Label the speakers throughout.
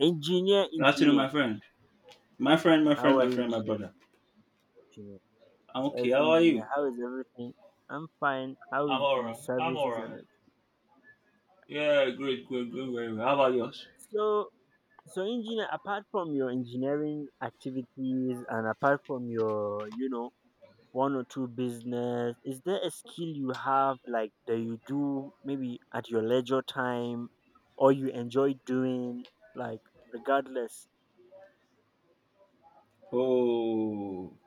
Speaker 1: Engineer,
Speaker 2: Good afternoon, my
Speaker 1: engineer.
Speaker 2: friend. My friend, my
Speaker 1: How
Speaker 2: friend,
Speaker 1: are
Speaker 2: my
Speaker 1: you,
Speaker 2: friend, my
Speaker 1: engineer?
Speaker 2: brother.
Speaker 1: Engineer.
Speaker 2: I'm okay.
Speaker 1: As
Speaker 2: How are you?
Speaker 1: engineer, how is everything? I'm fine. How
Speaker 2: I'm
Speaker 1: is the
Speaker 2: alright. I'm
Speaker 1: services and
Speaker 2: alright.
Speaker 1: everything?
Speaker 2: Yeah, great, great, great, very well. How about yours?
Speaker 1: so so engineer, apart from your engineering activities and apart from your one or two business, is there a skill you have like that you do maybe at your leisure time or you enjoy doing, like, regardless?
Speaker 2: Oh,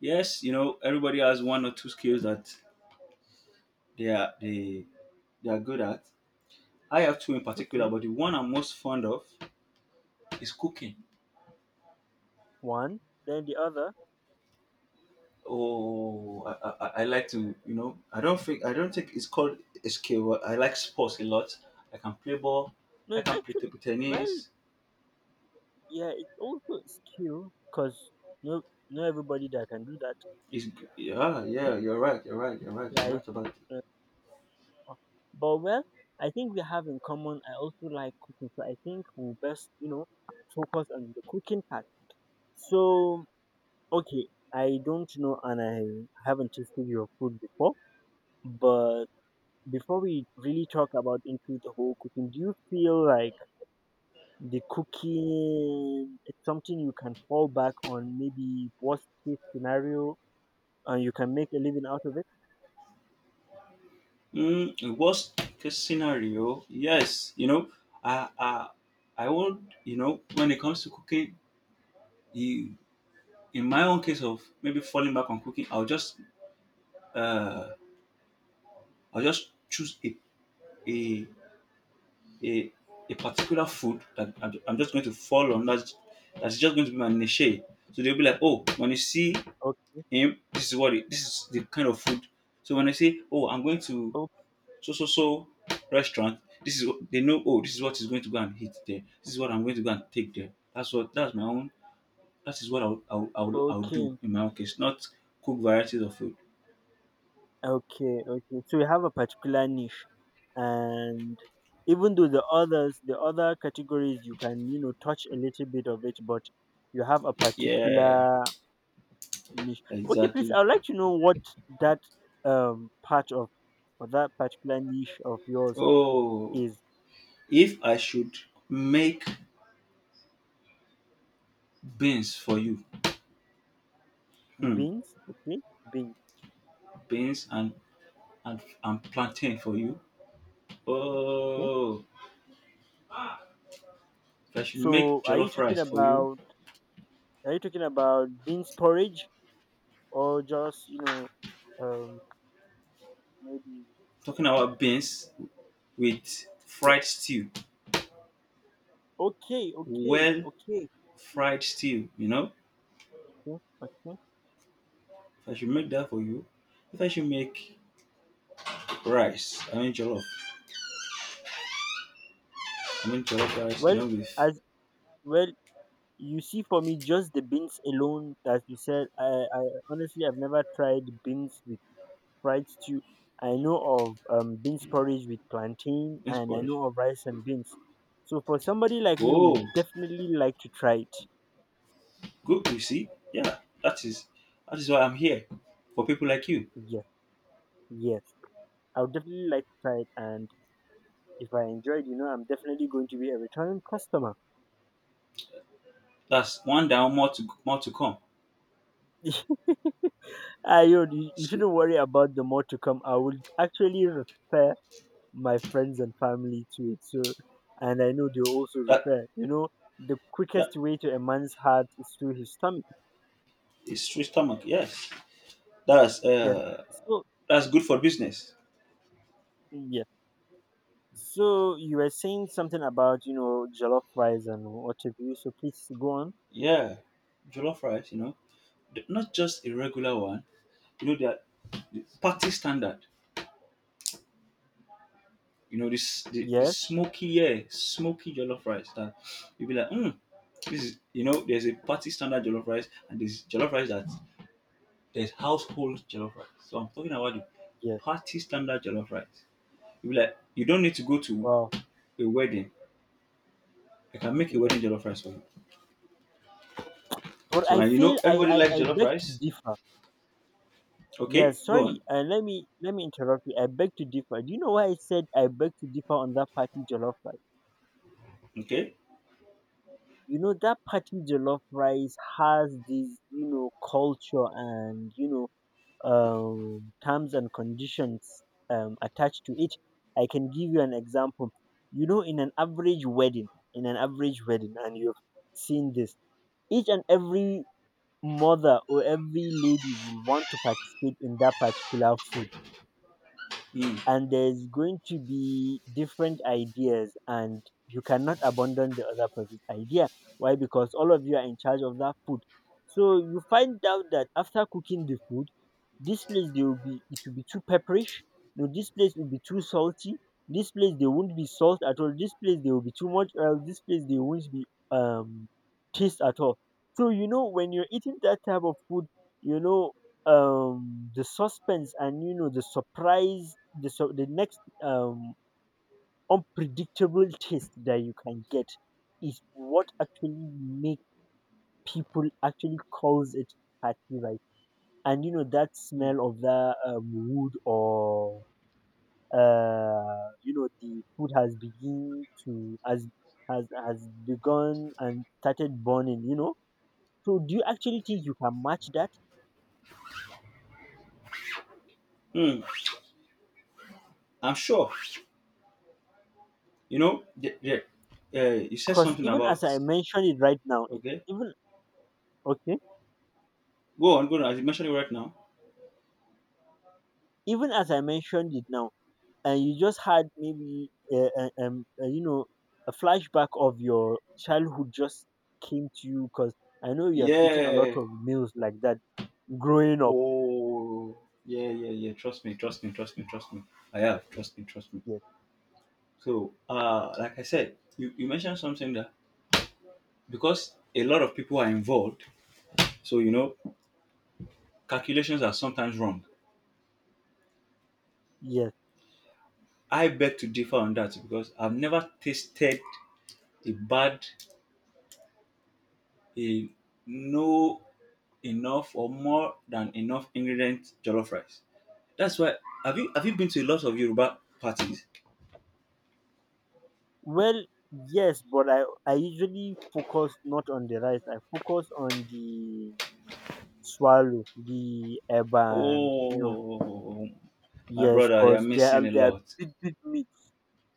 Speaker 2: yes. You know, everybody has one or two skills that they are they they are good at. I have two in particular,
Speaker 1: Okay,
Speaker 2: but the one I'm most fond of is cooking.
Speaker 1: one, then the other.
Speaker 2: Oh, I like to I don't think it's called a skill, but I like sports a lot. I can play ball. I
Speaker 1: No,
Speaker 2: can play
Speaker 1: actually,
Speaker 2: table
Speaker 1: well,
Speaker 2: tennis.
Speaker 1: yeah, it's also a skill because, no, not everybody that can do that.
Speaker 2: Yeah, yeah, you're right, you're right, you're right, you're
Speaker 1: Like,
Speaker 2: right about it.
Speaker 1: uh, but, well, I think we have in common. I also like cooking, so I think we'll best, focus on the cooking part. So, okay, I don't know, and I haven't tasted your food before. But before we really talk about into the whole cooking, do you feel like the cooking it's something you can fall back on, maybe worst case scenario, and you can make a living out of it?
Speaker 2: In worst case scenario, yes, I, I, I would, when it comes to cooking, you, in my own case of maybe falling back on cooking, uh, I'll just choose a, a, a particular food that I'm just going to fall on. That's just going to be my niche. So they'll be like, oh, when you see
Speaker 1: Okay,
Speaker 2: him, this is the kind of food. So when I say, oh, I'm going to
Speaker 1: o-
Speaker 2: so restaurant. This is what they know. Oh, this is what is going to go and hit there. This is what I'm going to go and take there. That's my own. That is what I'll do
Speaker 1: okay,
Speaker 2: in my own case. Not cook varieties of food.
Speaker 1: okay, okay. So you have a particular niche, and even though the others, the other categories, you can touch a little bit of it, but you have a
Speaker 2: Yeah,
Speaker 1: particular niche. Okay, please,
Speaker 2: exactly.
Speaker 1: I'd like to know what that part of, or that particular niche of yours,
Speaker 2: Oh,
Speaker 1: is.
Speaker 2: if I should make beans for you, hmm,
Speaker 1: Beans. Okay, beans.
Speaker 2: beans and plantain for you.
Speaker 1: Okay.
Speaker 2: Oh, if I should make
Speaker 1: So are you
Speaker 2: jollof
Speaker 1: talking
Speaker 2: rice for you.
Speaker 1: about, are you talking about beans porridge, or just um maybe.
Speaker 2: Talking about beans with
Speaker 1: Yeah.
Speaker 2: fried stew,
Speaker 1: Okay, okay,
Speaker 2: well
Speaker 1: okay.
Speaker 2: fried stew.
Speaker 1: Okay, okay.
Speaker 2: If I should make that for you, if I should make rice, I mean jollof rice,
Speaker 1: Well,
Speaker 2: with
Speaker 1: as well, you see, for me, just the beans alone, as you said, I honestly I've never tried beans with fried stew. I know of beans porridge with plantain, and I
Speaker 2: inspired.
Speaker 1: know of rice and beans. So for somebody like me,
Speaker 2: Oh,
Speaker 1: would definitely like to try it.
Speaker 2: good. You see, yeah, that is why I'm here for people like you.
Speaker 1: Yes, yes, I would definitely like to try it, and if I enjoy it, I'm definitely going to be a returning customer.
Speaker 2: That's one down, more to come.
Speaker 1: Ah, you
Speaker 2: So
Speaker 1: shouldn't worry about the more to come. I will actually refer my friends and family to it. So, and I know they'll also
Speaker 2: that
Speaker 1: refer. You know, the
Speaker 2: that
Speaker 1: quickest way to a man's heart is through his stomach.
Speaker 2: is straight stomach. Yes, that's
Speaker 1: Yes.
Speaker 2: uh
Speaker 1: So,
Speaker 2: that's good for business.
Speaker 1: yes. So you were saying something about jollof rice and what have you. So please go on.
Speaker 2: Yeah, jollof rice, not just a regular one. You know that the party standard. You know, the
Speaker 1: Yes.
Speaker 2: smoky, yeah, smoky jollof rice that you'll be like, hmm, this is there's a party standard jollof rice and there's household jollof rice. So I'm talking about the
Speaker 1: Yes.
Speaker 2: party standard jollof rice. You'll be like, you don't need to go to
Speaker 1: Wow.
Speaker 2: a wedding. I can make a
Speaker 1: Yes.
Speaker 2: wedding jollof rice for you.
Speaker 1: But
Speaker 2: So
Speaker 1: I
Speaker 2: and
Speaker 1: feel
Speaker 2: everybody likes
Speaker 1: I
Speaker 2: jollof
Speaker 1: beg to
Speaker 2: rice.
Speaker 1: differ.
Speaker 2: Okay,
Speaker 1: Yes,
Speaker 2: go
Speaker 1: sorry.
Speaker 2: on.
Speaker 1: Let me interrupt you. I beg to differ. Do you know why I said I beg to differ on that party jollof rice?
Speaker 2: Okay.
Speaker 1: You know that party jollof rice has this, you know, culture and you know, terms and conditions attached to it. I can give you an example. You know, in an average wedding, in an average wedding, and you've seen this, each and every mother or every lady will want to participate in that particular food,
Speaker 2: Mm.
Speaker 1: and there's going to be different ideas, and you cannot abandon the other person's idea. Why? Because all of you are in charge of that food, so you find out that after cooking the food, this place they will be it will be too pepperish, no, this place will be too salty, this place they won't be salt at all, this place they will be too much oil, this place they won't be um taste at all. So you know, when you're eating that type of food, you know, the suspense and you know the surprise, the next unpredictable taste that you can get is what actually make people actually calls it party rice. And you know that
Speaker 2: Mm.
Speaker 1: smell of that wood, or you know, the food has begin to has begun and started burning, you know. So do you actually think you can match that?
Speaker 2: Mm. I'm sure. You know, you said
Speaker 1: Because
Speaker 2: something
Speaker 1: even as
Speaker 2: about
Speaker 1: I mentioned it right now, if,
Speaker 2: okay.
Speaker 1: even, okay,
Speaker 2: Go on, go on. As you mentioned it right now.
Speaker 1: even as I mentioned it now, and you just had maybe you know, a flashback of your childhood just came to you, because I know you have eaten a lot
Speaker 2: Yeah.
Speaker 1: of meals like that growing up.
Speaker 2: Oh, yeah, yeah, yeah. Trust me, trust me, trust me, trust me. I have. Trust me, trust me.
Speaker 1: Yes,
Speaker 2: So, like I said, you mentioned something that because a lot of people are involved, so calculations are sometimes wrong.
Speaker 1: yes.
Speaker 2: I beg to differ on that because I've never tasted a bad, a no enough or more than enough ingredient jollof rice. That's why. Have you been to a lot of Yoruba parties?
Speaker 1: Well, yes, but I usually focus not on the rice. I focus on the swallow, the eba, and you know,
Speaker 2: Oh, my
Speaker 1: yes,
Speaker 2: brother, you're
Speaker 1: because they are,
Speaker 2: missing a
Speaker 1: they are
Speaker 2: lot.
Speaker 1: big big meat,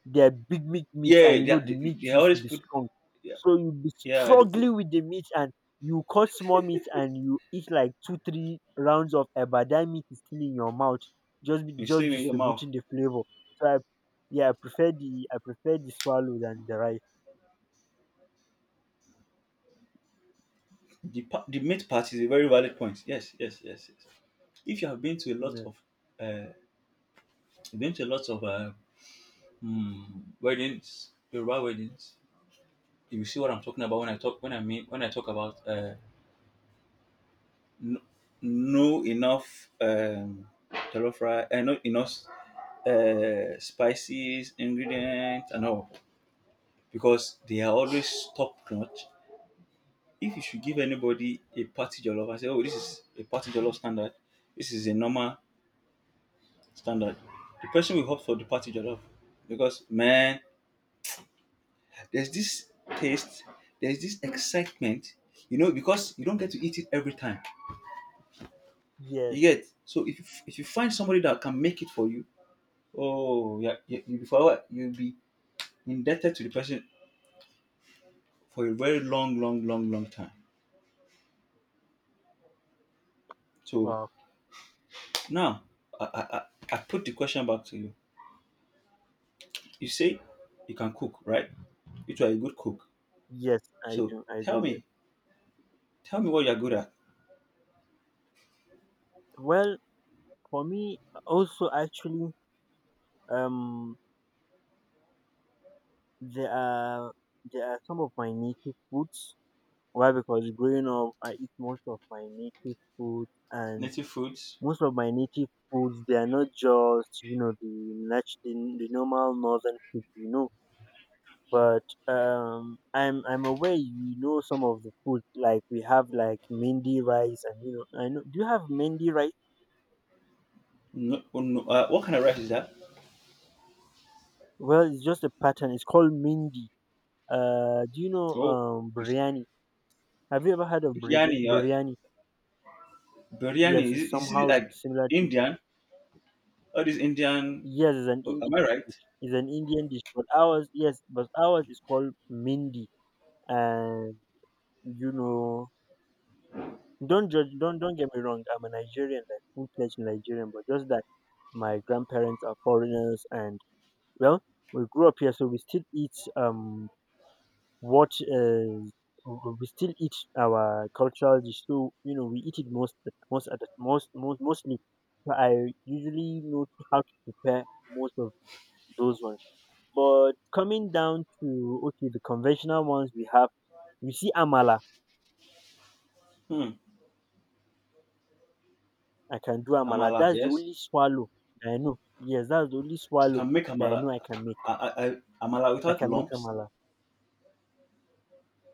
Speaker 1: they are big meats, and
Speaker 2: Yeah,
Speaker 1: you
Speaker 2: they,
Speaker 1: know
Speaker 2: are- they,
Speaker 1: the meat
Speaker 2: they
Speaker 1: used to
Speaker 2: always
Speaker 1: be
Speaker 2: put,
Speaker 1: strong,
Speaker 2: yeah,
Speaker 1: so you'll be
Speaker 2: yeah, they put,
Speaker 1: struggling with the meat, and you cut small meat and you eat like two three rounds of eba, that meat is still in your mouth,
Speaker 2: you stay
Speaker 1: just
Speaker 2: in your mouth.
Speaker 1: distributing the flavor. so I, yeah, I prefer the swallow than the rice
Speaker 2: The meat part is a very valid point. Yes, yes, yes, yes. If you have been to a lot
Speaker 1: meal.
Speaker 2: of, uh, you've been to a lot of mm, weddings, Yoruba weddings, you will see what I'm talking about when I talk, when I mean, when I talk about no, no enough jollof rice, not enough spices, ingredients, and all because they are always top notch. If you should give anybody a party jollof and say, oh, this is a party jollof standard, this is a normal standard, the person will opt for the party jollof because, man, there's this taste, there's this excitement, because you don't get to eat it every time. You
Speaker 1: Yes.
Speaker 2: get So if you find somebody that can make it for you, oh yeah, you before you'll be indebted to the person for a very long, long, long, long time. So
Speaker 1: Wow.
Speaker 2: now I I, I I put the question back to you. You say you can cook, right? You are a good cook.
Speaker 1: Yes. i
Speaker 2: So
Speaker 1: do i do yes.
Speaker 2: tell me what you're good at.
Speaker 1: Well, for me, also, actually, um there are, there are some of my native foods. Why? Because growing up, I eat most of my native food, and
Speaker 2: Native foods.
Speaker 1: most of my native foods they are not just you know the normal northern food, you know. But I'm aware, you know, some of the food, like we have like mindi rice, and you know I know, do you have mindi rice?
Speaker 2: No, oh, no, what kind of rice is that?
Speaker 1: Well, it's just a pattern. It's called mindi. Do you know
Speaker 2: Oh, it's
Speaker 1: biryani? Have you ever heard of biryani?
Speaker 2: biryani.
Speaker 1: Biryani?
Speaker 2: Biryani
Speaker 1: Yes,
Speaker 2: is,
Speaker 1: it's
Speaker 2: it- is it
Speaker 1: somehow
Speaker 2: like
Speaker 1: similar to,
Speaker 2: Indian? All this Indian.
Speaker 1: yes, it's an
Speaker 2: Oh,
Speaker 1: Indian
Speaker 2: am I right?
Speaker 1: dish. It's an Indian dish, but ours, yes, but ours is called mindi. And you know, don't judge, don't get me wrong. I'm a Nigerian, like full-fledged Nigerian, but just that my grandparents are foreigners, and, well, we grew up here, so we still eat what is we still eat our cultural dish. So you know, we eat it most most at the, most most mostly. So I usually know how to prepare most of those ones. But coming down to, okay, the conventional ones we have, you see amala.
Speaker 2: Hmm.
Speaker 1: I can do amala.
Speaker 2: Amala.
Speaker 1: That's the
Speaker 2: Yes,
Speaker 1: only swallow that I know. Yes, that's the only
Speaker 2: you
Speaker 1: swallow
Speaker 2: can make
Speaker 1: that I
Speaker 2: amala.
Speaker 1: know I can make.
Speaker 2: I, I, I- amala
Speaker 1: I
Speaker 2: without
Speaker 1: can make
Speaker 2: lumps.
Speaker 1: amala,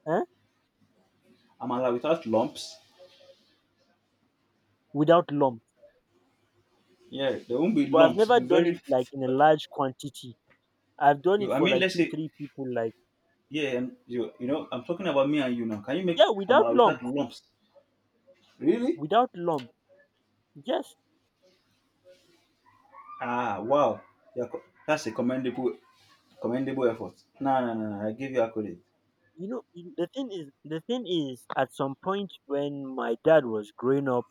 Speaker 1: eh?
Speaker 2: Amala without lumps.
Speaker 1: Without lump.
Speaker 2: Yeah, there won't be
Speaker 1: But I've
Speaker 2: lumps. It'll
Speaker 1: never
Speaker 2: be
Speaker 1: done
Speaker 2: very.
Speaker 1: it like in a large quantity. I've done it
Speaker 2: I
Speaker 1: for
Speaker 2: mean,
Speaker 1: like
Speaker 2: let's
Speaker 1: two,
Speaker 2: say
Speaker 1: three people. Like,
Speaker 2: yeah, and I'm talking about me and you now. Can you make
Speaker 1: yeah, without
Speaker 2: amala without
Speaker 1: lump,
Speaker 2: lumps? Really?
Speaker 1: without lump. Yes,
Speaker 2: Ah, wow. That's a commendable effort. No, no, no, no. I give you a credit.
Speaker 1: the thing is, at some point when my dad was growing up,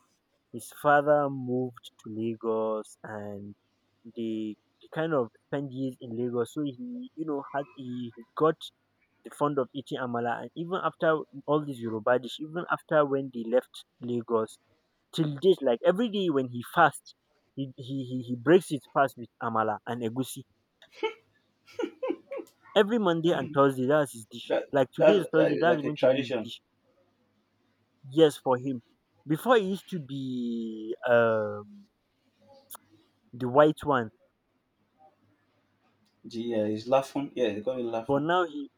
Speaker 1: his father moved to Lagos, and they, they kind of spent years in Lagos. So he, you know, had he got the fond of eating amala. And even after all these Yoruba dish, even after when they left Lagos, till date, like every day when he fasts, he breaks his fast with amala and egusi. Every Monday and Thursday, that's his dish.
Speaker 2: That
Speaker 1: Like
Speaker 2: that's
Speaker 1: today is
Speaker 2: uh,
Speaker 1: Thursday, that's
Speaker 2: like a
Speaker 1: going to be his
Speaker 2: tradition.
Speaker 1: dish. Yes, for him. Before it used to be the white one,
Speaker 2: Yeah, it's laughing. Yeah, they call it
Speaker 1: but
Speaker 2: laughing.
Speaker 1: now he,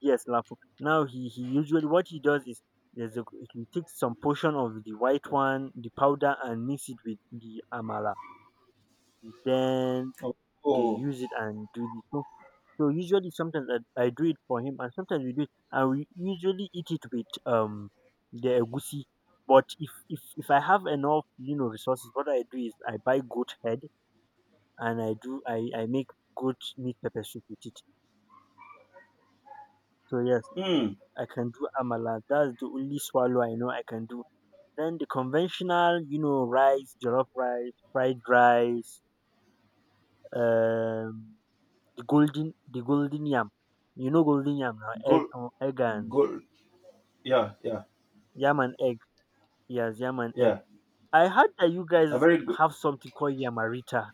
Speaker 1: yes, lafo. Now he usually, what he does is, there's a, he takes some portion of the white one, the powder, and mix it with the amala. Then
Speaker 2: Oh,
Speaker 1: they
Speaker 2: oh,
Speaker 1: use it and do the so. So usually sometimes I do it for him, and sometimes we do it, and we usually eat it with the egusi. But if I have enough you know resources, what I do is I buy goat head and I do I make goat meat pepper soup with it. So yes,
Speaker 2: mm,
Speaker 1: I can do amala. That's the only swallow I know I can do. Then the conventional, you know, rice, jollof rice, fried rice, um, the golden yam. You know, golden yam now, egg,
Speaker 2: gold,
Speaker 1: egg and
Speaker 2: gold. Yeah, yeah,
Speaker 1: yam and egg. Yes, yam and egg.
Speaker 2: yeah.
Speaker 1: I heard that you
Speaker 2: A
Speaker 1: guys
Speaker 2: very good
Speaker 1: have something called yamarita.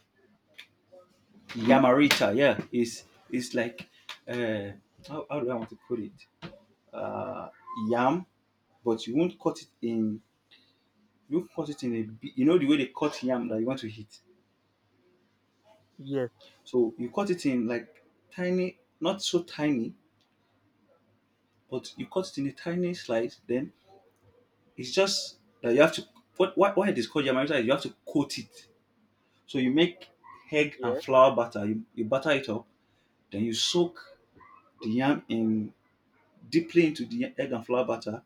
Speaker 2: Yamarita. Yeah, it's like uh, how do I want to put it? Uh, yam, but you won't cut it in you cut it in a big, you know the way they cut yam that you want to eat.
Speaker 1: Yes,
Speaker 2: So you cut it in like tiny, not so tiny, but you cut it in a tiny slice. Then it's just that you have to. What Why it is called yam? Is You have to coat it. So you make egg and
Speaker 1: yes.
Speaker 2: flour batter. You batter it up. Then you soak the
Speaker 1: Okay.
Speaker 2: yam in deeply into the egg and flour batter.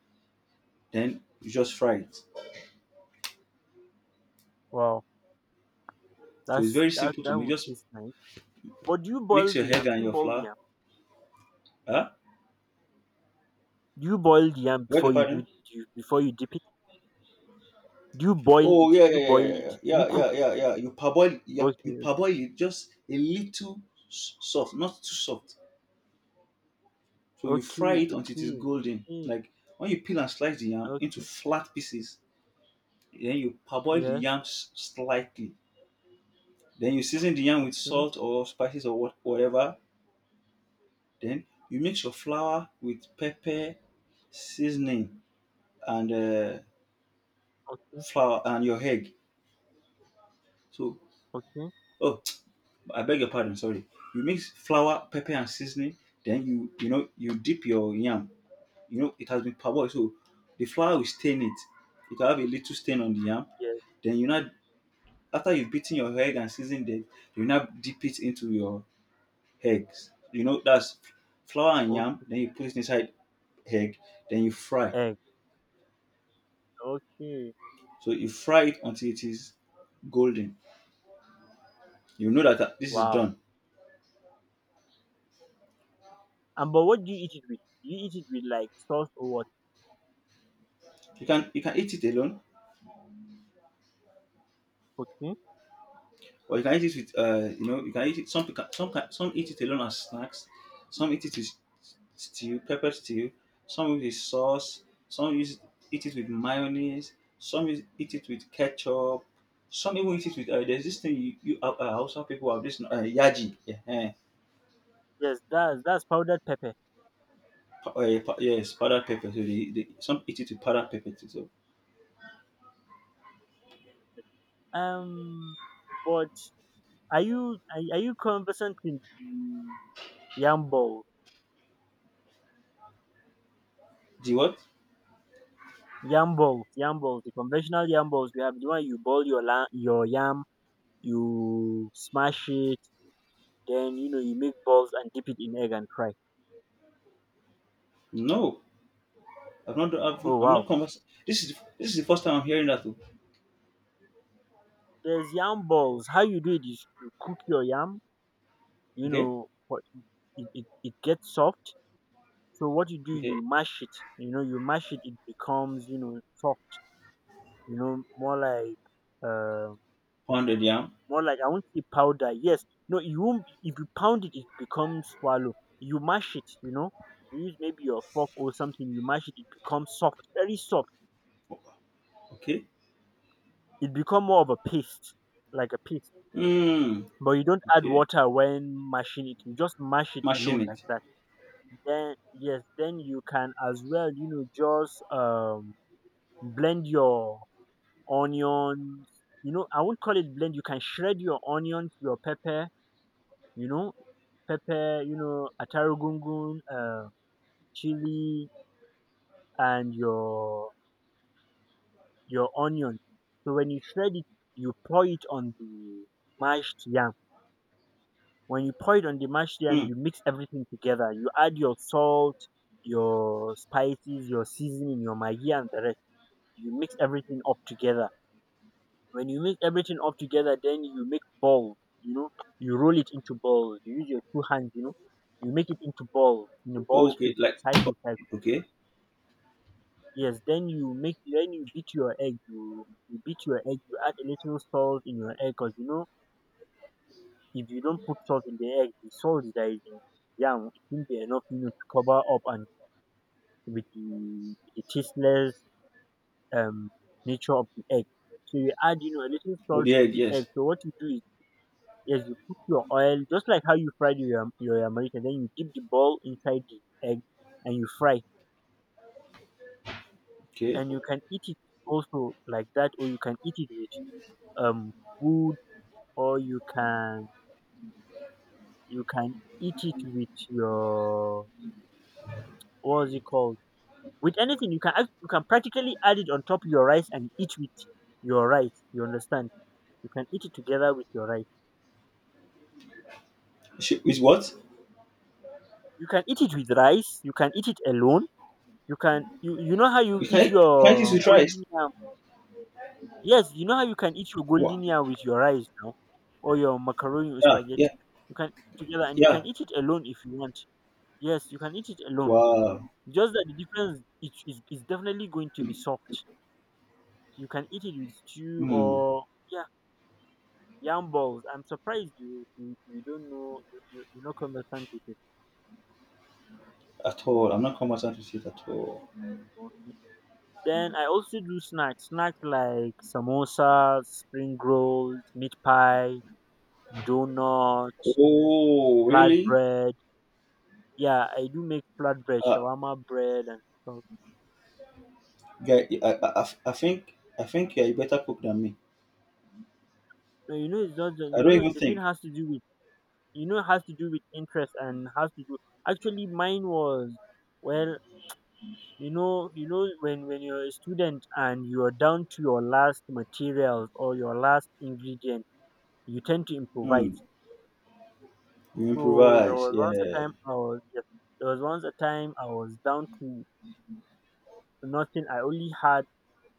Speaker 2: Then you just fry it.
Speaker 1: Wow,
Speaker 2: So it's
Speaker 1: that's
Speaker 2: very
Speaker 1: that.
Speaker 2: simple to
Speaker 1: That
Speaker 2: make.
Speaker 1: would
Speaker 2: Just
Speaker 1: taste nice. But do you
Speaker 2: mix
Speaker 1: boil
Speaker 2: your
Speaker 1: the
Speaker 2: egg
Speaker 1: yam? Do
Speaker 2: and
Speaker 1: you
Speaker 2: your
Speaker 1: boil the
Speaker 2: flour.
Speaker 1: yam?
Speaker 2: Huh?
Speaker 1: Do you boil the yam
Speaker 2: Beg your
Speaker 1: before you do
Speaker 2: pardon?
Speaker 1: it? Do you, before you dip it? Do you boil
Speaker 2: Oh
Speaker 1: it?
Speaker 2: yeah,
Speaker 1: Do you
Speaker 2: yeah, yeah,
Speaker 1: boil it?
Speaker 2: yeah, yeah,
Speaker 1: Do you
Speaker 2: yeah,
Speaker 1: cook
Speaker 2: yeah,
Speaker 1: it?
Speaker 2: yeah. yeah. You parboil, yeah, you
Speaker 1: Okay,
Speaker 2: parboil it just a little soft, not too soft. So you fry
Speaker 1: okay,
Speaker 2: it until it is
Speaker 1: okay,
Speaker 2: golden.
Speaker 1: okay.
Speaker 2: Like when you peel and slice the yam into
Speaker 1: Okay.
Speaker 2: flat pieces, then you parboil the
Speaker 1: Yes.
Speaker 2: yam slightly. Then you season the yam with
Speaker 1: Okay.
Speaker 2: salt or spices or whatever. Then you mix your flour with pepper, seasoning, and
Speaker 1: Okay.
Speaker 2: flour and your egg. So
Speaker 1: Okay.
Speaker 2: oh, I beg your pardon, sorry. You mix flour, pepper, and seasoning. Then you dip your yam. You know it has been parboiled, so the flour will stain it. It will have a little stain on the yam.
Speaker 1: Yes.
Speaker 2: Then you now after you've beaten your egg and seasoned it, you now dip it into your eggs. You know that's flour and yam.
Speaker 1: Okay.
Speaker 2: Then you put it inside egg. Then you fry.
Speaker 1: Egg. Okay.
Speaker 2: So you fry it until it is golden. You know that this is
Speaker 1: Wow.
Speaker 2: done.
Speaker 1: And but what do you eat it with? Do you eat it with like sauce or what?
Speaker 2: You can eat it alone
Speaker 1: Okay.
Speaker 2: or you can eat it with you can eat it. Some can, some eat it alone as snacks, some eat it with stew, pepper stew, some with the sauce, some use eat it with mayonnaise, some use, eat it with ketchup, some even eat it with there's this thing you also people have this yaji
Speaker 1: Yes. That's powdered pepper.
Speaker 2: yes powdered pepper. So they some eat it with powdered pepper too. So
Speaker 1: Um. But are you conversant with the yam balls?
Speaker 2: the what
Speaker 1: Yam balls. Yam balls. The conventional yam balls we have. The one you boil your yam, you smash it, then you know you make balls and dip it in egg and fry.
Speaker 2: no I've not I've,
Speaker 1: Oh
Speaker 2: I'm not
Speaker 1: wow.
Speaker 2: convers, this is this is the first time I'm hearing that too.
Speaker 1: There's yam balls. How you do it is you cook your yam, you
Speaker 2: Okay.
Speaker 1: know, for- it gets soft. So what you do,
Speaker 2: Okay.
Speaker 1: you mash it. You know, you mash it, it becomes, you know, soft. You know, more like, uh,
Speaker 2: Pounded yam.
Speaker 1: more like, I won't say powder. Yes, no, you won't. If you pound it, it becomes swallow. You mash it. You know, you use maybe your fork or something. You mash it, it becomes soft, very soft.
Speaker 2: Okay.
Speaker 1: It become more of a paste, like a paste.
Speaker 2: Mm,
Speaker 1: But you don't add
Speaker 2: okay.
Speaker 1: water when mashing it. You just mash it
Speaker 2: Mashing
Speaker 1: alone like
Speaker 2: it.
Speaker 1: that. Then yes, then you can as well, just blend your onions. I won't call it blend. You can shred your onions, your pepper, you know pepper, atarugungun, chili, and your onion. So when you shred it, you pour it on the mashed yam. When you pour it on the mashed yam,
Speaker 2: Mm,
Speaker 1: you mix everything together. You add your salt, your spices, your seasoning, your maggi and the rest. You mix everything up together. When you mix everything up together, then you make balls. You know, you roll it into balls. You use your two hands. You know, you make it into balls in a ball
Speaker 2: okay.
Speaker 1: shape.
Speaker 2: Like,
Speaker 1: Cycle, cycle.
Speaker 2: okay.
Speaker 1: Yes. Then you make. Then you beat your egg. You beat your egg. You add a little salt in your egg, 'cause you know if you don't put salt in the egg, the salt that is in yam, it won't be enough, you know, to cover up and with the tasteless um nature of the egg. So you add, you know, a little
Speaker 2: Oh,
Speaker 1: salt
Speaker 2: the
Speaker 1: to
Speaker 2: egg,
Speaker 1: the egg.
Speaker 2: yes.
Speaker 1: So what you do is, yes, you put your oil just like how you fried your yamarita. Then you dip the ball inside the egg and you fry.
Speaker 2: Okay.
Speaker 1: And you can eat it also like that, or you can eat it with um food, or you can eat it with your — what's it called? — with anything. You can practically add it on top of your rice and eat with your rice. You understand? You can eat it together with your rice.
Speaker 2: Sh- With what?
Speaker 1: You can eat it with rice. You can eat it alone. You know how you
Speaker 2: You
Speaker 1: eat
Speaker 2: can eat this
Speaker 1: your
Speaker 2: with rice.
Speaker 1: golden yam. Yes, you know how you can eat your
Speaker 2: Wow.
Speaker 1: goldenia with your rice now, or your macaroni or
Speaker 2: Yeah,
Speaker 1: spaghetti.
Speaker 2: yeah,
Speaker 1: You can eat it together, and you
Speaker 2: yeah.
Speaker 1: can eat it alone if you want. Yes, you can eat it alone.
Speaker 2: Wow.
Speaker 1: Just that the difference it is definitely going to be soft. You can eat it with stew
Speaker 2: Hmm.
Speaker 1: or, yeah, yam balls. I'm surprised you don't know. You not conversant with it.
Speaker 2: At all. I'm not conversant with it at all.
Speaker 1: Okay. Then I also do snacks, snacks like samosas, spring rolls, meat pie, donuts,
Speaker 2: Oh, really?
Speaker 1: flatbread. Yeah, I do make flatbread,
Speaker 2: Uh,
Speaker 1: shawarma bread, and stuff.
Speaker 2: yeah, I I think you're a better cook than me.
Speaker 1: No, you know, it's not. The-
Speaker 2: I
Speaker 1: you
Speaker 2: don't
Speaker 1: know,
Speaker 2: even
Speaker 1: the thing
Speaker 2: think.
Speaker 1: has to do with, you know, it has to do with interest and has to do — actually, mine was, well, you know, you know when you're a student and you're down to your last materials or your last ingredient, you tend to
Speaker 2: Hmm.
Speaker 1: improvise.
Speaker 2: You
Speaker 1: So
Speaker 2: improvise. Yeah.
Speaker 1: there was once a time I was down to nothing. I only had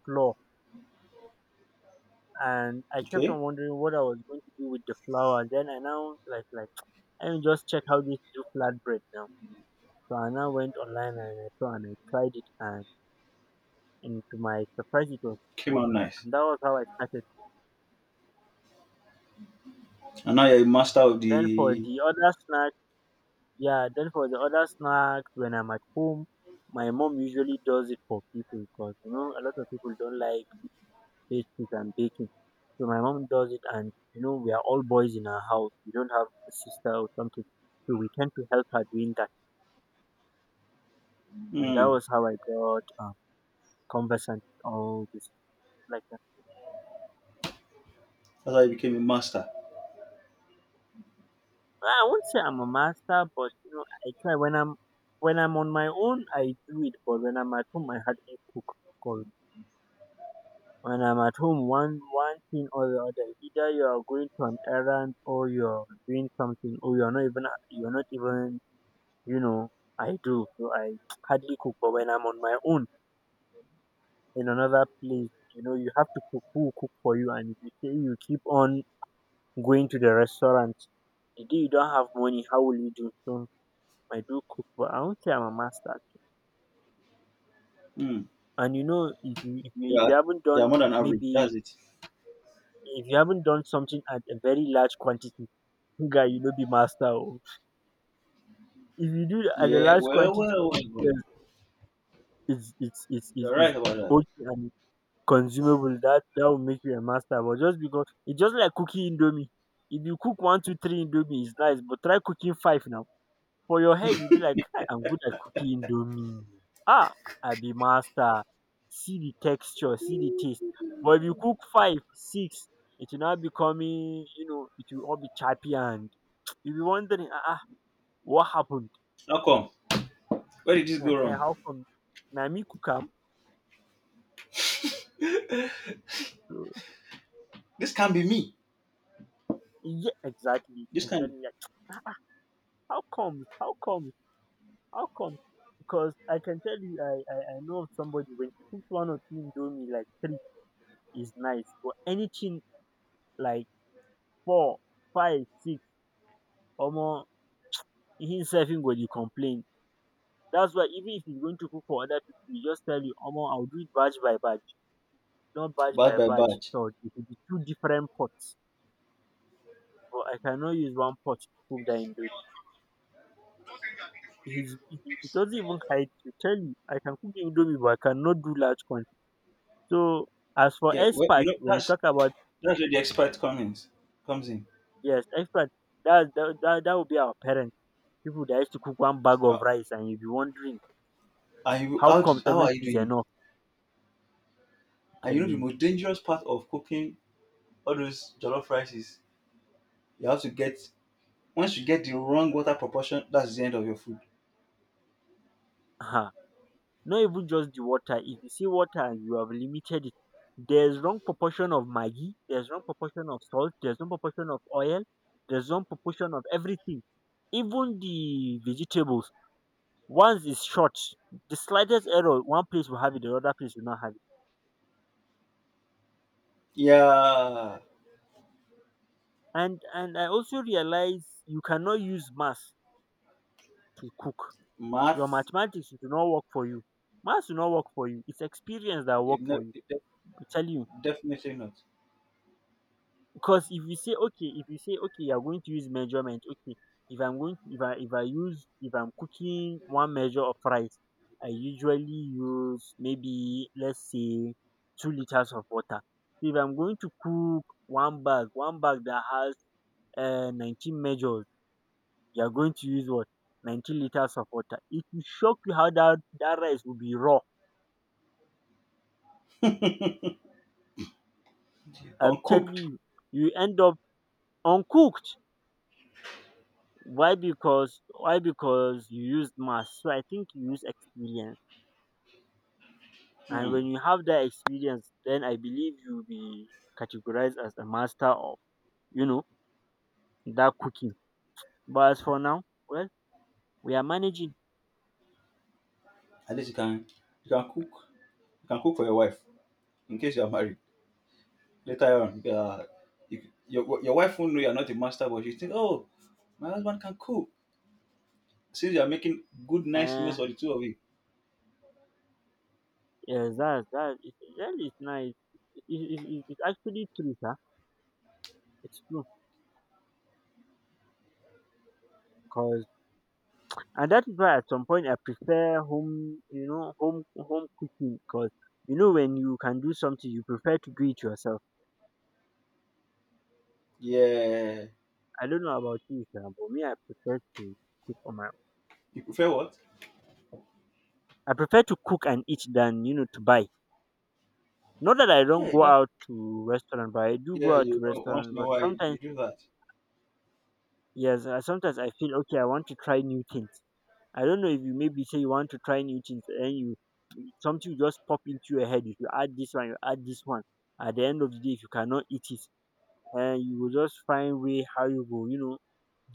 Speaker 1: flour and I kept
Speaker 2: Okay.
Speaker 1: on wondering what I was going to do with the flour. Then I now, like, I will just check how this do flatbread now. So I now went online and I saw and I tried it, and to my surprise it was
Speaker 2: Came
Speaker 1: good,
Speaker 2: out nice.
Speaker 1: and that was how I started.
Speaker 2: And now you're a master of
Speaker 1: Then for
Speaker 2: the.
Speaker 1: the other snack, yeah, then for the other snack, when I'm at home, my mom usually does it for people because you know a lot of people don't like pastries and baking. So my mom does it, and you know we are all boys in our house. We don't have a sister or something, so we tend to help her doing that. And that
Speaker 2: Hmm.
Speaker 1: was how I got, conversant with all this like that.
Speaker 2: That's how I became a master.
Speaker 1: Well, I won't say I'm a master, but you know I try when I'm, on my own. I do it, but when I'm at home, I hardly cook, 'cause when I'm at home, one thing or the other, either you are going to an errand or you're doing something, or you're not even you know, I do. So I hardly cook. But when I'm on my own in another place, you know, you have to cook. Who will cook for you? And if you say you keep on going to the restaurant, the day you don't have money, how will you do? So I do cook, but I won't say I'm a master, actually.
Speaker 2: Hmm.
Speaker 1: And you know, if you
Speaker 2: Yeah,
Speaker 1: haven't
Speaker 2: yeah,
Speaker 1: done,
Speaker 2: more than average.
Speaker 1: maybe,
Speaker 2: That's it.
Speaker 1: if you haven't done something at a very large quantity, guy, you know, be master. Oh. If you do it at a
Speaker 2: Yeah,
Speaker 1: large
Speaker 2: well,
Speaker 1: quantity,
Speaker 2: well, well, well.
Speaker 1: yes, it's it's it's it's,
Speaker 2: You're
Speaker 1: it's
Speaker 2: right about that.
Speaker 1: okay and consumable, that that will make you a master. But just, because it's just like cooking indomie. If you cook 1, 2, 3 indomie, it's nice, but try cooking five now. For your head, you'll be like, "Kai, I'm good at cooking indomie, ah, I be master. See the texture, see the taste." But if you cook 5, 6, it will now becoming, you know, it will all be choppy and, you'll be wondering, ah, ah, what happened.
Speaker 2: How come? Where did this go wrong?
Speaker 1: How come? Na me cook am. So,
Speaker 2: This can be me.
Speaker 1: yeah, exactly,
Speaker 2: This can
Speaker 1: exactly, like, how come, how come. How come? Because I can tell you, I know of somebody, when she cooks one or two indomie, like three, is nice, but anything like four, five, six, or more, himself him go dey complain. That's why even if he's going to cook for other people, he just tell you, Omo, I'll do it batch by batch, not batch
Speaker 2: batch
Speaker 1: by
Speaker 2: by
Speaker 1: batch.
Speaker 2: batch.
Speaker 1: So it will be two different pots, but I cannot use one pot to cook that indomie. He doesn't even hide to tell you, I can cook indomie, but I cannot do large quantity. So as for
Speaker 2: Yeah, well, you
Speaker 1: experts,
Speaker 2: know
Speaker 1: when you
Speaker 2: that's
Speaker 1: talk about —
Speaker 2: that's where the expert comes in. Comes in.
Speaker 1: yes, expert. That would be our parents. People that used to cook one bag
Speaker 2: Uh,
Speaker 1: of rice, and you'll be wondering
Speaker 2: are you
Speaker 1: how
Speaker 2: how did,
Speaker 1: comes
Speaker 2: how are
Speaker 1: everything
Speaker 2: you
Speaker 1: is
Speaker 2: doing it?
Speaker 1: enough. I'm
Speaker 2: And you
Speaker 1: telling
Speaker 2: know the
Speaker 1: you,
Speaker 2: most dangerous part of cooking all those jollof rice is you have to get once you get the wrong water proportion, that's the end of your food.
Speaker 1: uh not even just the water. If you see water and you have limited it, there's wrong proportion of maggi, there's wrong proportion of salt, there's wrong proportion of oil, there's wrong proportion of everything. Even the vegetables, once it's short, the slightest error, one place will have it, the other place will not have it.
Speaker 2: Yeah,
Speaker 1: And I also realize you cannot use mass to cook. Your
Speaker 2: math.
Speaker 1: mathematics will not work for you. Maths will not work for you. It's experience that will work
Speaker 2: It, ne-
Speaker 1: for you.
Speaker 2: it
Speaker 1: I'm telling you.
Speaker 2: Definitely not.
Speaker 1: Because if you say okay, you're going to use measurement. Okay, if I'm going, to, if I use if I'm cooking one measure of rice, I usually use maybe, let's say, 2 liters of water. So if I'm going to cook one bag that has, 19 measures, you're going to use what, 19 liters of water. It will shock you how that rice will be raw. I'm telling
Speaker 2: Uncooked.
Speaker 1: you, you end up uncooked. Why? Because you used mass. So I think you use experience. And
Speaker 2: Hmm.
Speaker 1: when you have that experience, then I believe you'll be categorized as a master of, you know, that cooking. But as for now, well, we are managing.
Speaker 2: At least you can cook you can cook for your wife in case you are married later on. You, your wife won't know you are not a master, but she think, oh, my husband can cook. Since you are making good, nice meals
Speaker 1: Uh,
Speaker 2: for the two of you.
Speaker 1: yeah, that really is nice. It's actually true, sir. It's true. 'Cause, and that is why at some point I prefer home, you know, home home cooking, because you know when you can do something you prefer to do it yourself.
Speaker 2: Yeah.
Speaker 1: I don't know about you sha, but me, cook on my
Speaker 2: You prefer what?
Speaker 1: I prefer to cook and eat than, you know, to buy. Not that I don't
Speaker 2: Yeah.
Speaker 1: go
Speaker 2: That,
Speaker 1: out to restaurant, but I do go
Speaker 2: yeah.
Speaker 1: out
Speaker 2: You
Speaker 1: to
Speaker 2: know, once
Speaker 1: restaurant,
Speaker 2: in a
Speaker 1: but
Speaker 2: while you
Speaker 1: sometimes,
Speaker 2: do that.
Speaker 1: yes, sometimes I feel okay, I want to try new things. I don't know if you, maybe, say you want to try new things, and then you, something just pop into your head, if you add this one, at the end of the day, if you cannot eat it, and you will just find way how you go, you know,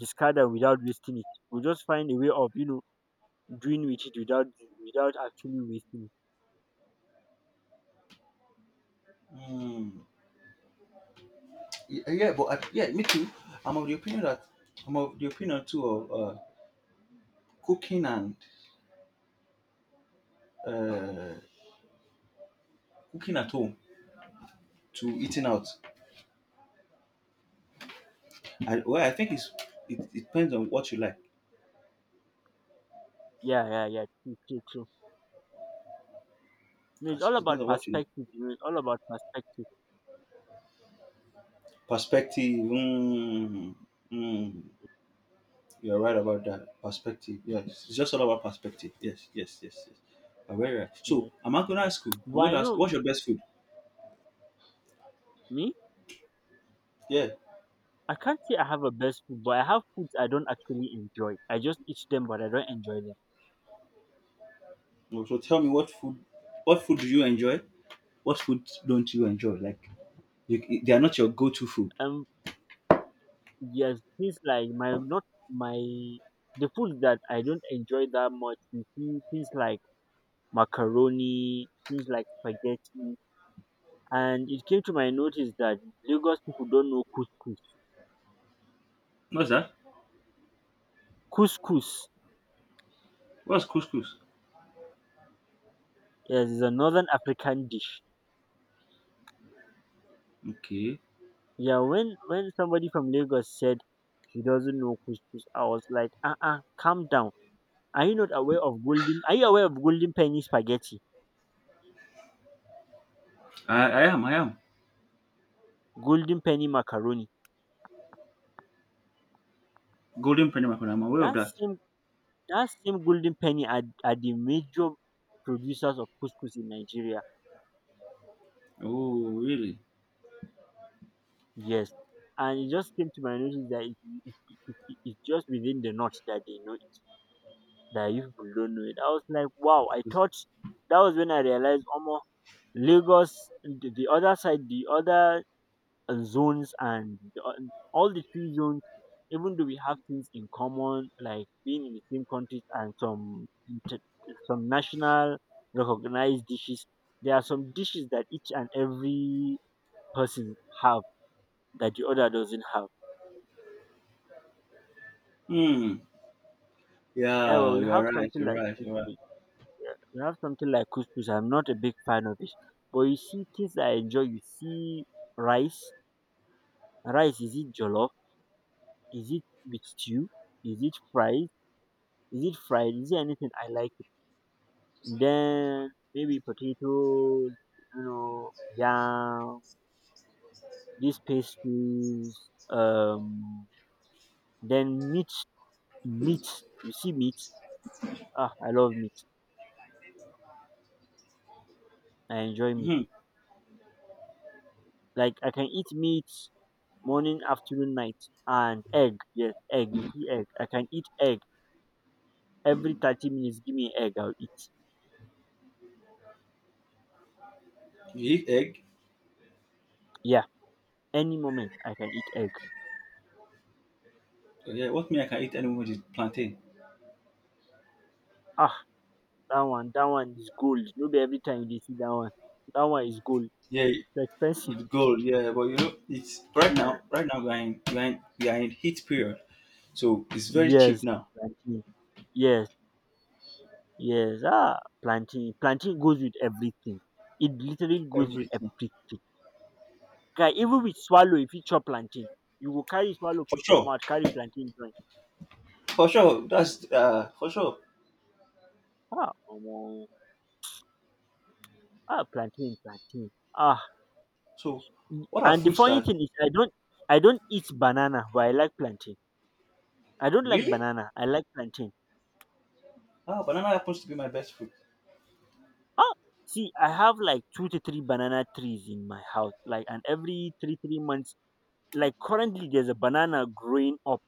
Speaker 1: discard am without wasting it. You will just find a way of, you know, doing with it, without actually wasting it.
Speaker 2: Hmm. Y- Yeah, but I, yeah, me too. I'm of the opinion that I'm of the opinion too of cooking and uh, cooking at home to eating out? I, well, I think it's it, it depends on what you like.
Speaker 1: Yeah, yeah, yeah. True, true, true. You know, it's
Speaker 2: As It
Speaker 1: all about
Speaker 2: depends on what you like.
Speaker 1: perspective. You know, it's all about perspective.
Speaker 2: Perspective. Mm, mm, you're right about that perspective. Yes, it's just all about perspective. Yes, yes, yes, yes. You're very right.
Speaker 1: You
Speaker 2: So
Speaker 1: know,
Speaker 2: I'm not going to
Speaker 1: eh.
Speaker 2: ask you.
Speaker 1: But
Speaker 2: I'm going
Speaker 1: I
Speaker 2: to ask
Speaker 1: know
Speaker 2: what's your best food?
Speaker 1: me.
Speaker 2: Yeah.
Speaker 1: I can't say I have a best food, but I have foods I don't actually enjoy. I just eat them, but I don't enjoy them.
Speaker 2: Well, So tell me what food do you enjoy? What food don't you enjoy? Like you, they are not your go-to food.
Speaker 1: Um, yes, things like my not my the foods that I don't enjoy that much. You see, things like macaroni, things like spaghetti. And it came to my notice that Lagos people don't know couscous.
Speaker 2: What's that?
Speaker 1: Couscous.
Speaker 2: What's couscous?
Speaker 1: Yes, is a northern African dish.
Speaker 2: Okay.
Speaker 1: Yeah, when somebody from Lagos said he doesn't know couscous, I was like, calm down. Are you not aware of golden? Are you aware of golden penny spaghetti,
Speaker 2: I am. I am.
Speaker 1: golden penny macaroni?
Speaker 2: Golden penny macaroni. I'm aware of
Speaker 1: That
Speaker 2: that.
Speaker 1: same that same golden penny are the major producers of couscous in Nigeria.
Speaker 2: Oh, really?
Speaker 1: Yes. And it just came to my notice that it's just within the knot that they know it, that you people don't know it. I was like, wow, I thought that was when I realized, almost Lagos, the other side, the other zones, and all the three zones, even though we have things in common, like being in the same countries and some national recognized dishes, there are some dishes that each and every person have that the other doesn't have.
Speaker 2: Hmm.
Speaker 1: Yeah, well,
Speaker 2: Yeah,
Speaker 1: we
Speaker 2: you're
Speaker 1: have
Speaker 2: right.
Speaker 1: something
Speaker 2: You're
Speaker 1: like
Speaker 2: right. You're right.
Speaker 1: couscous. Yeah, we have something like couscous. I'm not a big fan of it, but you see things I enjoy. You see rice. Rice, is it jollof? Is it with stew? Is it fried? Is it fried? Is it anything? I like it. Then maybe potatoes. You know, yam. These pastries. Um. Then meat. Meat. You see meat. Ah, I love meat. I enjoy meat.
Speaker 2: Hmm.
Speaker 1: Like I can eat meat morning, afternoon, night, and egg. Yes, egg. You see, egg. I can eat egg every 30 minutes. Give me egg, I'll eat.
Speaker 2: You eat egg.
Speaker 1: Yeah, any moment I can eat egg.
Speaker 2: Yeah. What mean I can eat anyone which is plantain.
Speaker 1: Ah, that one is gold. No be every time you dey see that one. That one is gold.
Speaker 2: Yeah,
Speaker 1: It's expensive.
Speaker 2: with gold. Yeah, but you know it's right now. Right now we are in we are in heat period, so it's very cheap
Speaker 1: Yes,
Speaker 2: now.
Speaker 1: plantain. Yes, yes. Ah, plantain. Plantain goes with everything. It literally goes with
Speaker 2: Everything
Speaker 1: everything. Guy, even with swallow, if you chop plantain, you go carry swallow,
Speaker 2: for
Speaker 1: put for
Speaker 2: sure.
Speaker 1: mouth, carry plantain join.
Speaker 2: For sure. That's for sure.
Speaker 1: Ah, omo. Ah, plantain, plantain. Ah,
Speaker 2: So, what are
Speaker 1: and the
Speaker 2: foods
Speaker 1: funny
Speaker 2: that
Speaker 1: thing is, I don't eat banana, but I like plantain. I don't like
Speaker 2: really?
Speaker 1: banana. I like plantain.
Speaker 2: Ah, banana happens to be my best food.
Speaker 1: Ah, see, I have like two to three banana trees in my house. Like, and every three three months, like currently, there's a banana growing up.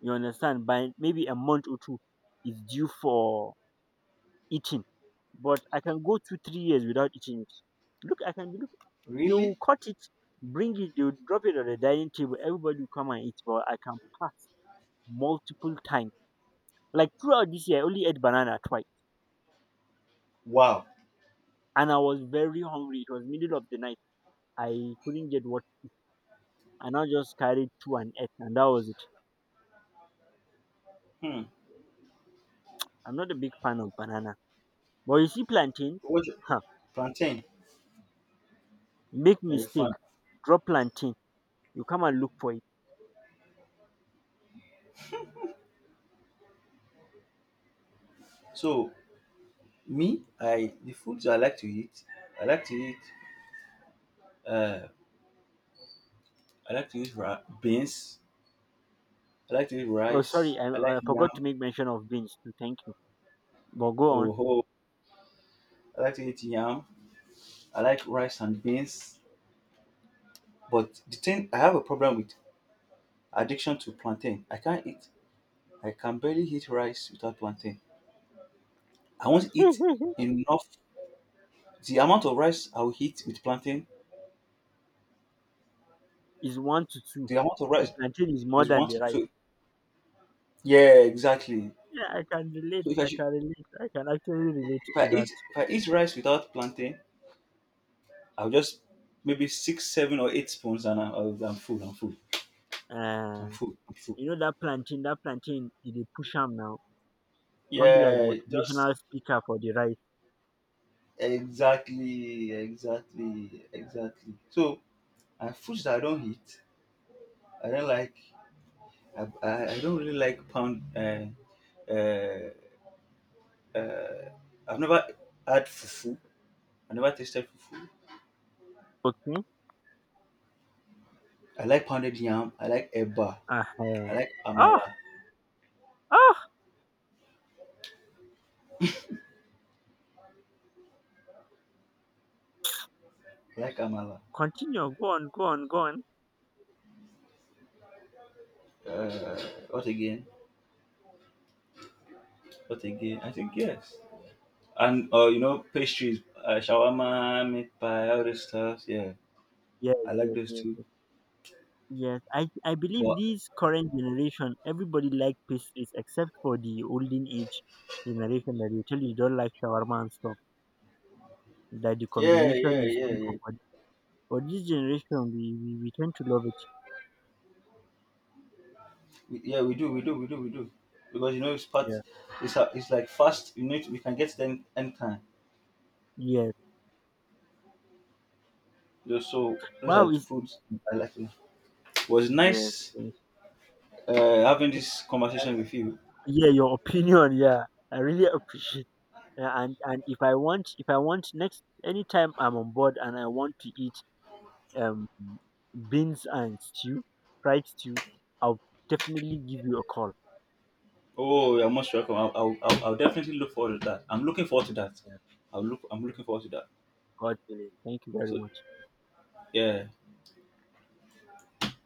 Speaker 1: You understand? By maybe a month or two, it's due for eating. But I can go 2-3 years without eating it. Look, I can look. They will
Speaker 2: Really?
Speaker 1: cut it, bring it, they will drop it on the dining table. Everybody will come and eat. But I can pass multiple times. Like throughout this year, I only ate banana twice,
Speaker 2: Wow.
Speaker 1: and I was very hungry. It was middle of the night. I couldn't get water, and I just carried two and ate, and that was it.
Speaker 2: Hmm.
Speaker 1: I'm not a big fan of banana, but you see plantain,
Speaker 2: What's your-
Speaker 1: huh?
Speaker 2: plantain?
Speaker 1: Make
Speaker 2: Very
Speaker 1: mistake,
Speaker 2: fun.
Speaker 1: drop plantain. You come and look for it.
Speaker 2: So Me, I like to eat uh I like to eat beans, I like to eat
Speaker 1: Oh,
Speaker 2: rice,
Speaker 1: sorry, I,
Speaker 2: I like
Speaker 1: I
Speaker 2: yam.
Speaker 1: forgot to make mention of beans too. Thank you, but go on.
Speaker 2: Oh, oh, I like to eat yam. I like rice and beans. But the thing I have a problem with addiction to plantain. I can't eat. I can barely eat rice without plantain. I won't eat enough. The amount of rice I will eat with plantain,
Speaker 1: Is one to two.
Speaker 2: the amount of
Speaker 1: The
Speaker 2: rice
Speaker 1: plantain is more
Speaker 2: is
Speaker 1: than
Speaker 2: one
Speaker 1: the
Speaker 2: to two.
Speaker 1: rice.
Speaker 2: So yeah, exactly.
Speaker 1: Yeah, I can relate.
Speaker 2: So if I
Speaker 1: I
Speaker 2: should,
Speaker 1: can relate. I can actually relate
Speaker 2: if I
Speaker 1: to
Speaker 2: eat rice without plantain, I'll just maybe six, seven, or eight spoons, and I'm full. I'm full.
Speaker 1: that.
Speaker 2: I'm full. I'm full.
Speaker 1: You know that plantain e dey push am now, come be like
Speaker 2: Yeah, just
Speaker 1: motivational speaker for the rice.
Speaker 2: exactly, exactly, exactly. So, and foods that I don't eat, I don't like. I don't really like pound. Uh, uh, I've never had fufu. I never tasted fufu.
Speaker 1: Okay
Speaker 2: I like pounded yam. I like eba. I
Speaker 1: um.
Speaker 2: like
Speaker 1: Oh!
Speaker 2: amala.
Speaker 1: Oh!
Speaker 2: I like amala.
Speaker 1: Continue, go on, go on, go on.
Speaker 2: Uh, what again? What again? I think yes. And you know, pastries, shawarma, meat pie, all this stuff. Yeah,
Speaker 1: Yes,
Speaker 2: I like
Speaker 1: yes,
Speaker 2: those
Speaker 1: yes,
Speaker 2: too.
Speaker 1: yes. Yes, I believe
Speaker 2: But
Speaker 1: this current generation, everybody like pastries except for the olden age generation that you tell you don't like shawarma and stuff. That the
Speaker 2: yeah, yeah,
Speaker 1: combination is
Speaker 2: yeah,
Speaker 1: too much
Speaker 2: yeah.
Speaker 1: for them. But this generation, we tend to love it.
Speaker 2: We, yeah, we do, we do, we do, we do. Because you know, it's part.
Speaker 1: Yeah.
Speaker 2: It's a, it's like fast. You need we can get them anytime.
Speaker 1: Yes.
Speaker 2: You know, So those are
Speaker 1: Wow.
Speaker 2: foods I like. It was
Speaker 1: Yes,
Speaker 2: nice uh, having this conversation
Speaker 1: yes.
Speaker 2: with you.
Speaker 1: Yeah, your opinion. Yeah, I really appreciate. Yeah, and if I want next anytime I'm on board and I want to eat um beans and stew, fried stew, I'll definitely give you a call.
Speaker 2: Oh, you're most welcome. I'll definitely look forward to that. I'm looking forward to that.
Speaker 1: Yeah,
Speaker 2: I'll look. I'm looking forward to that.
Speaker 1: God willing. Thank you very
Speaker 2: So
Speaker 1: much.
Speaker 2: yeah.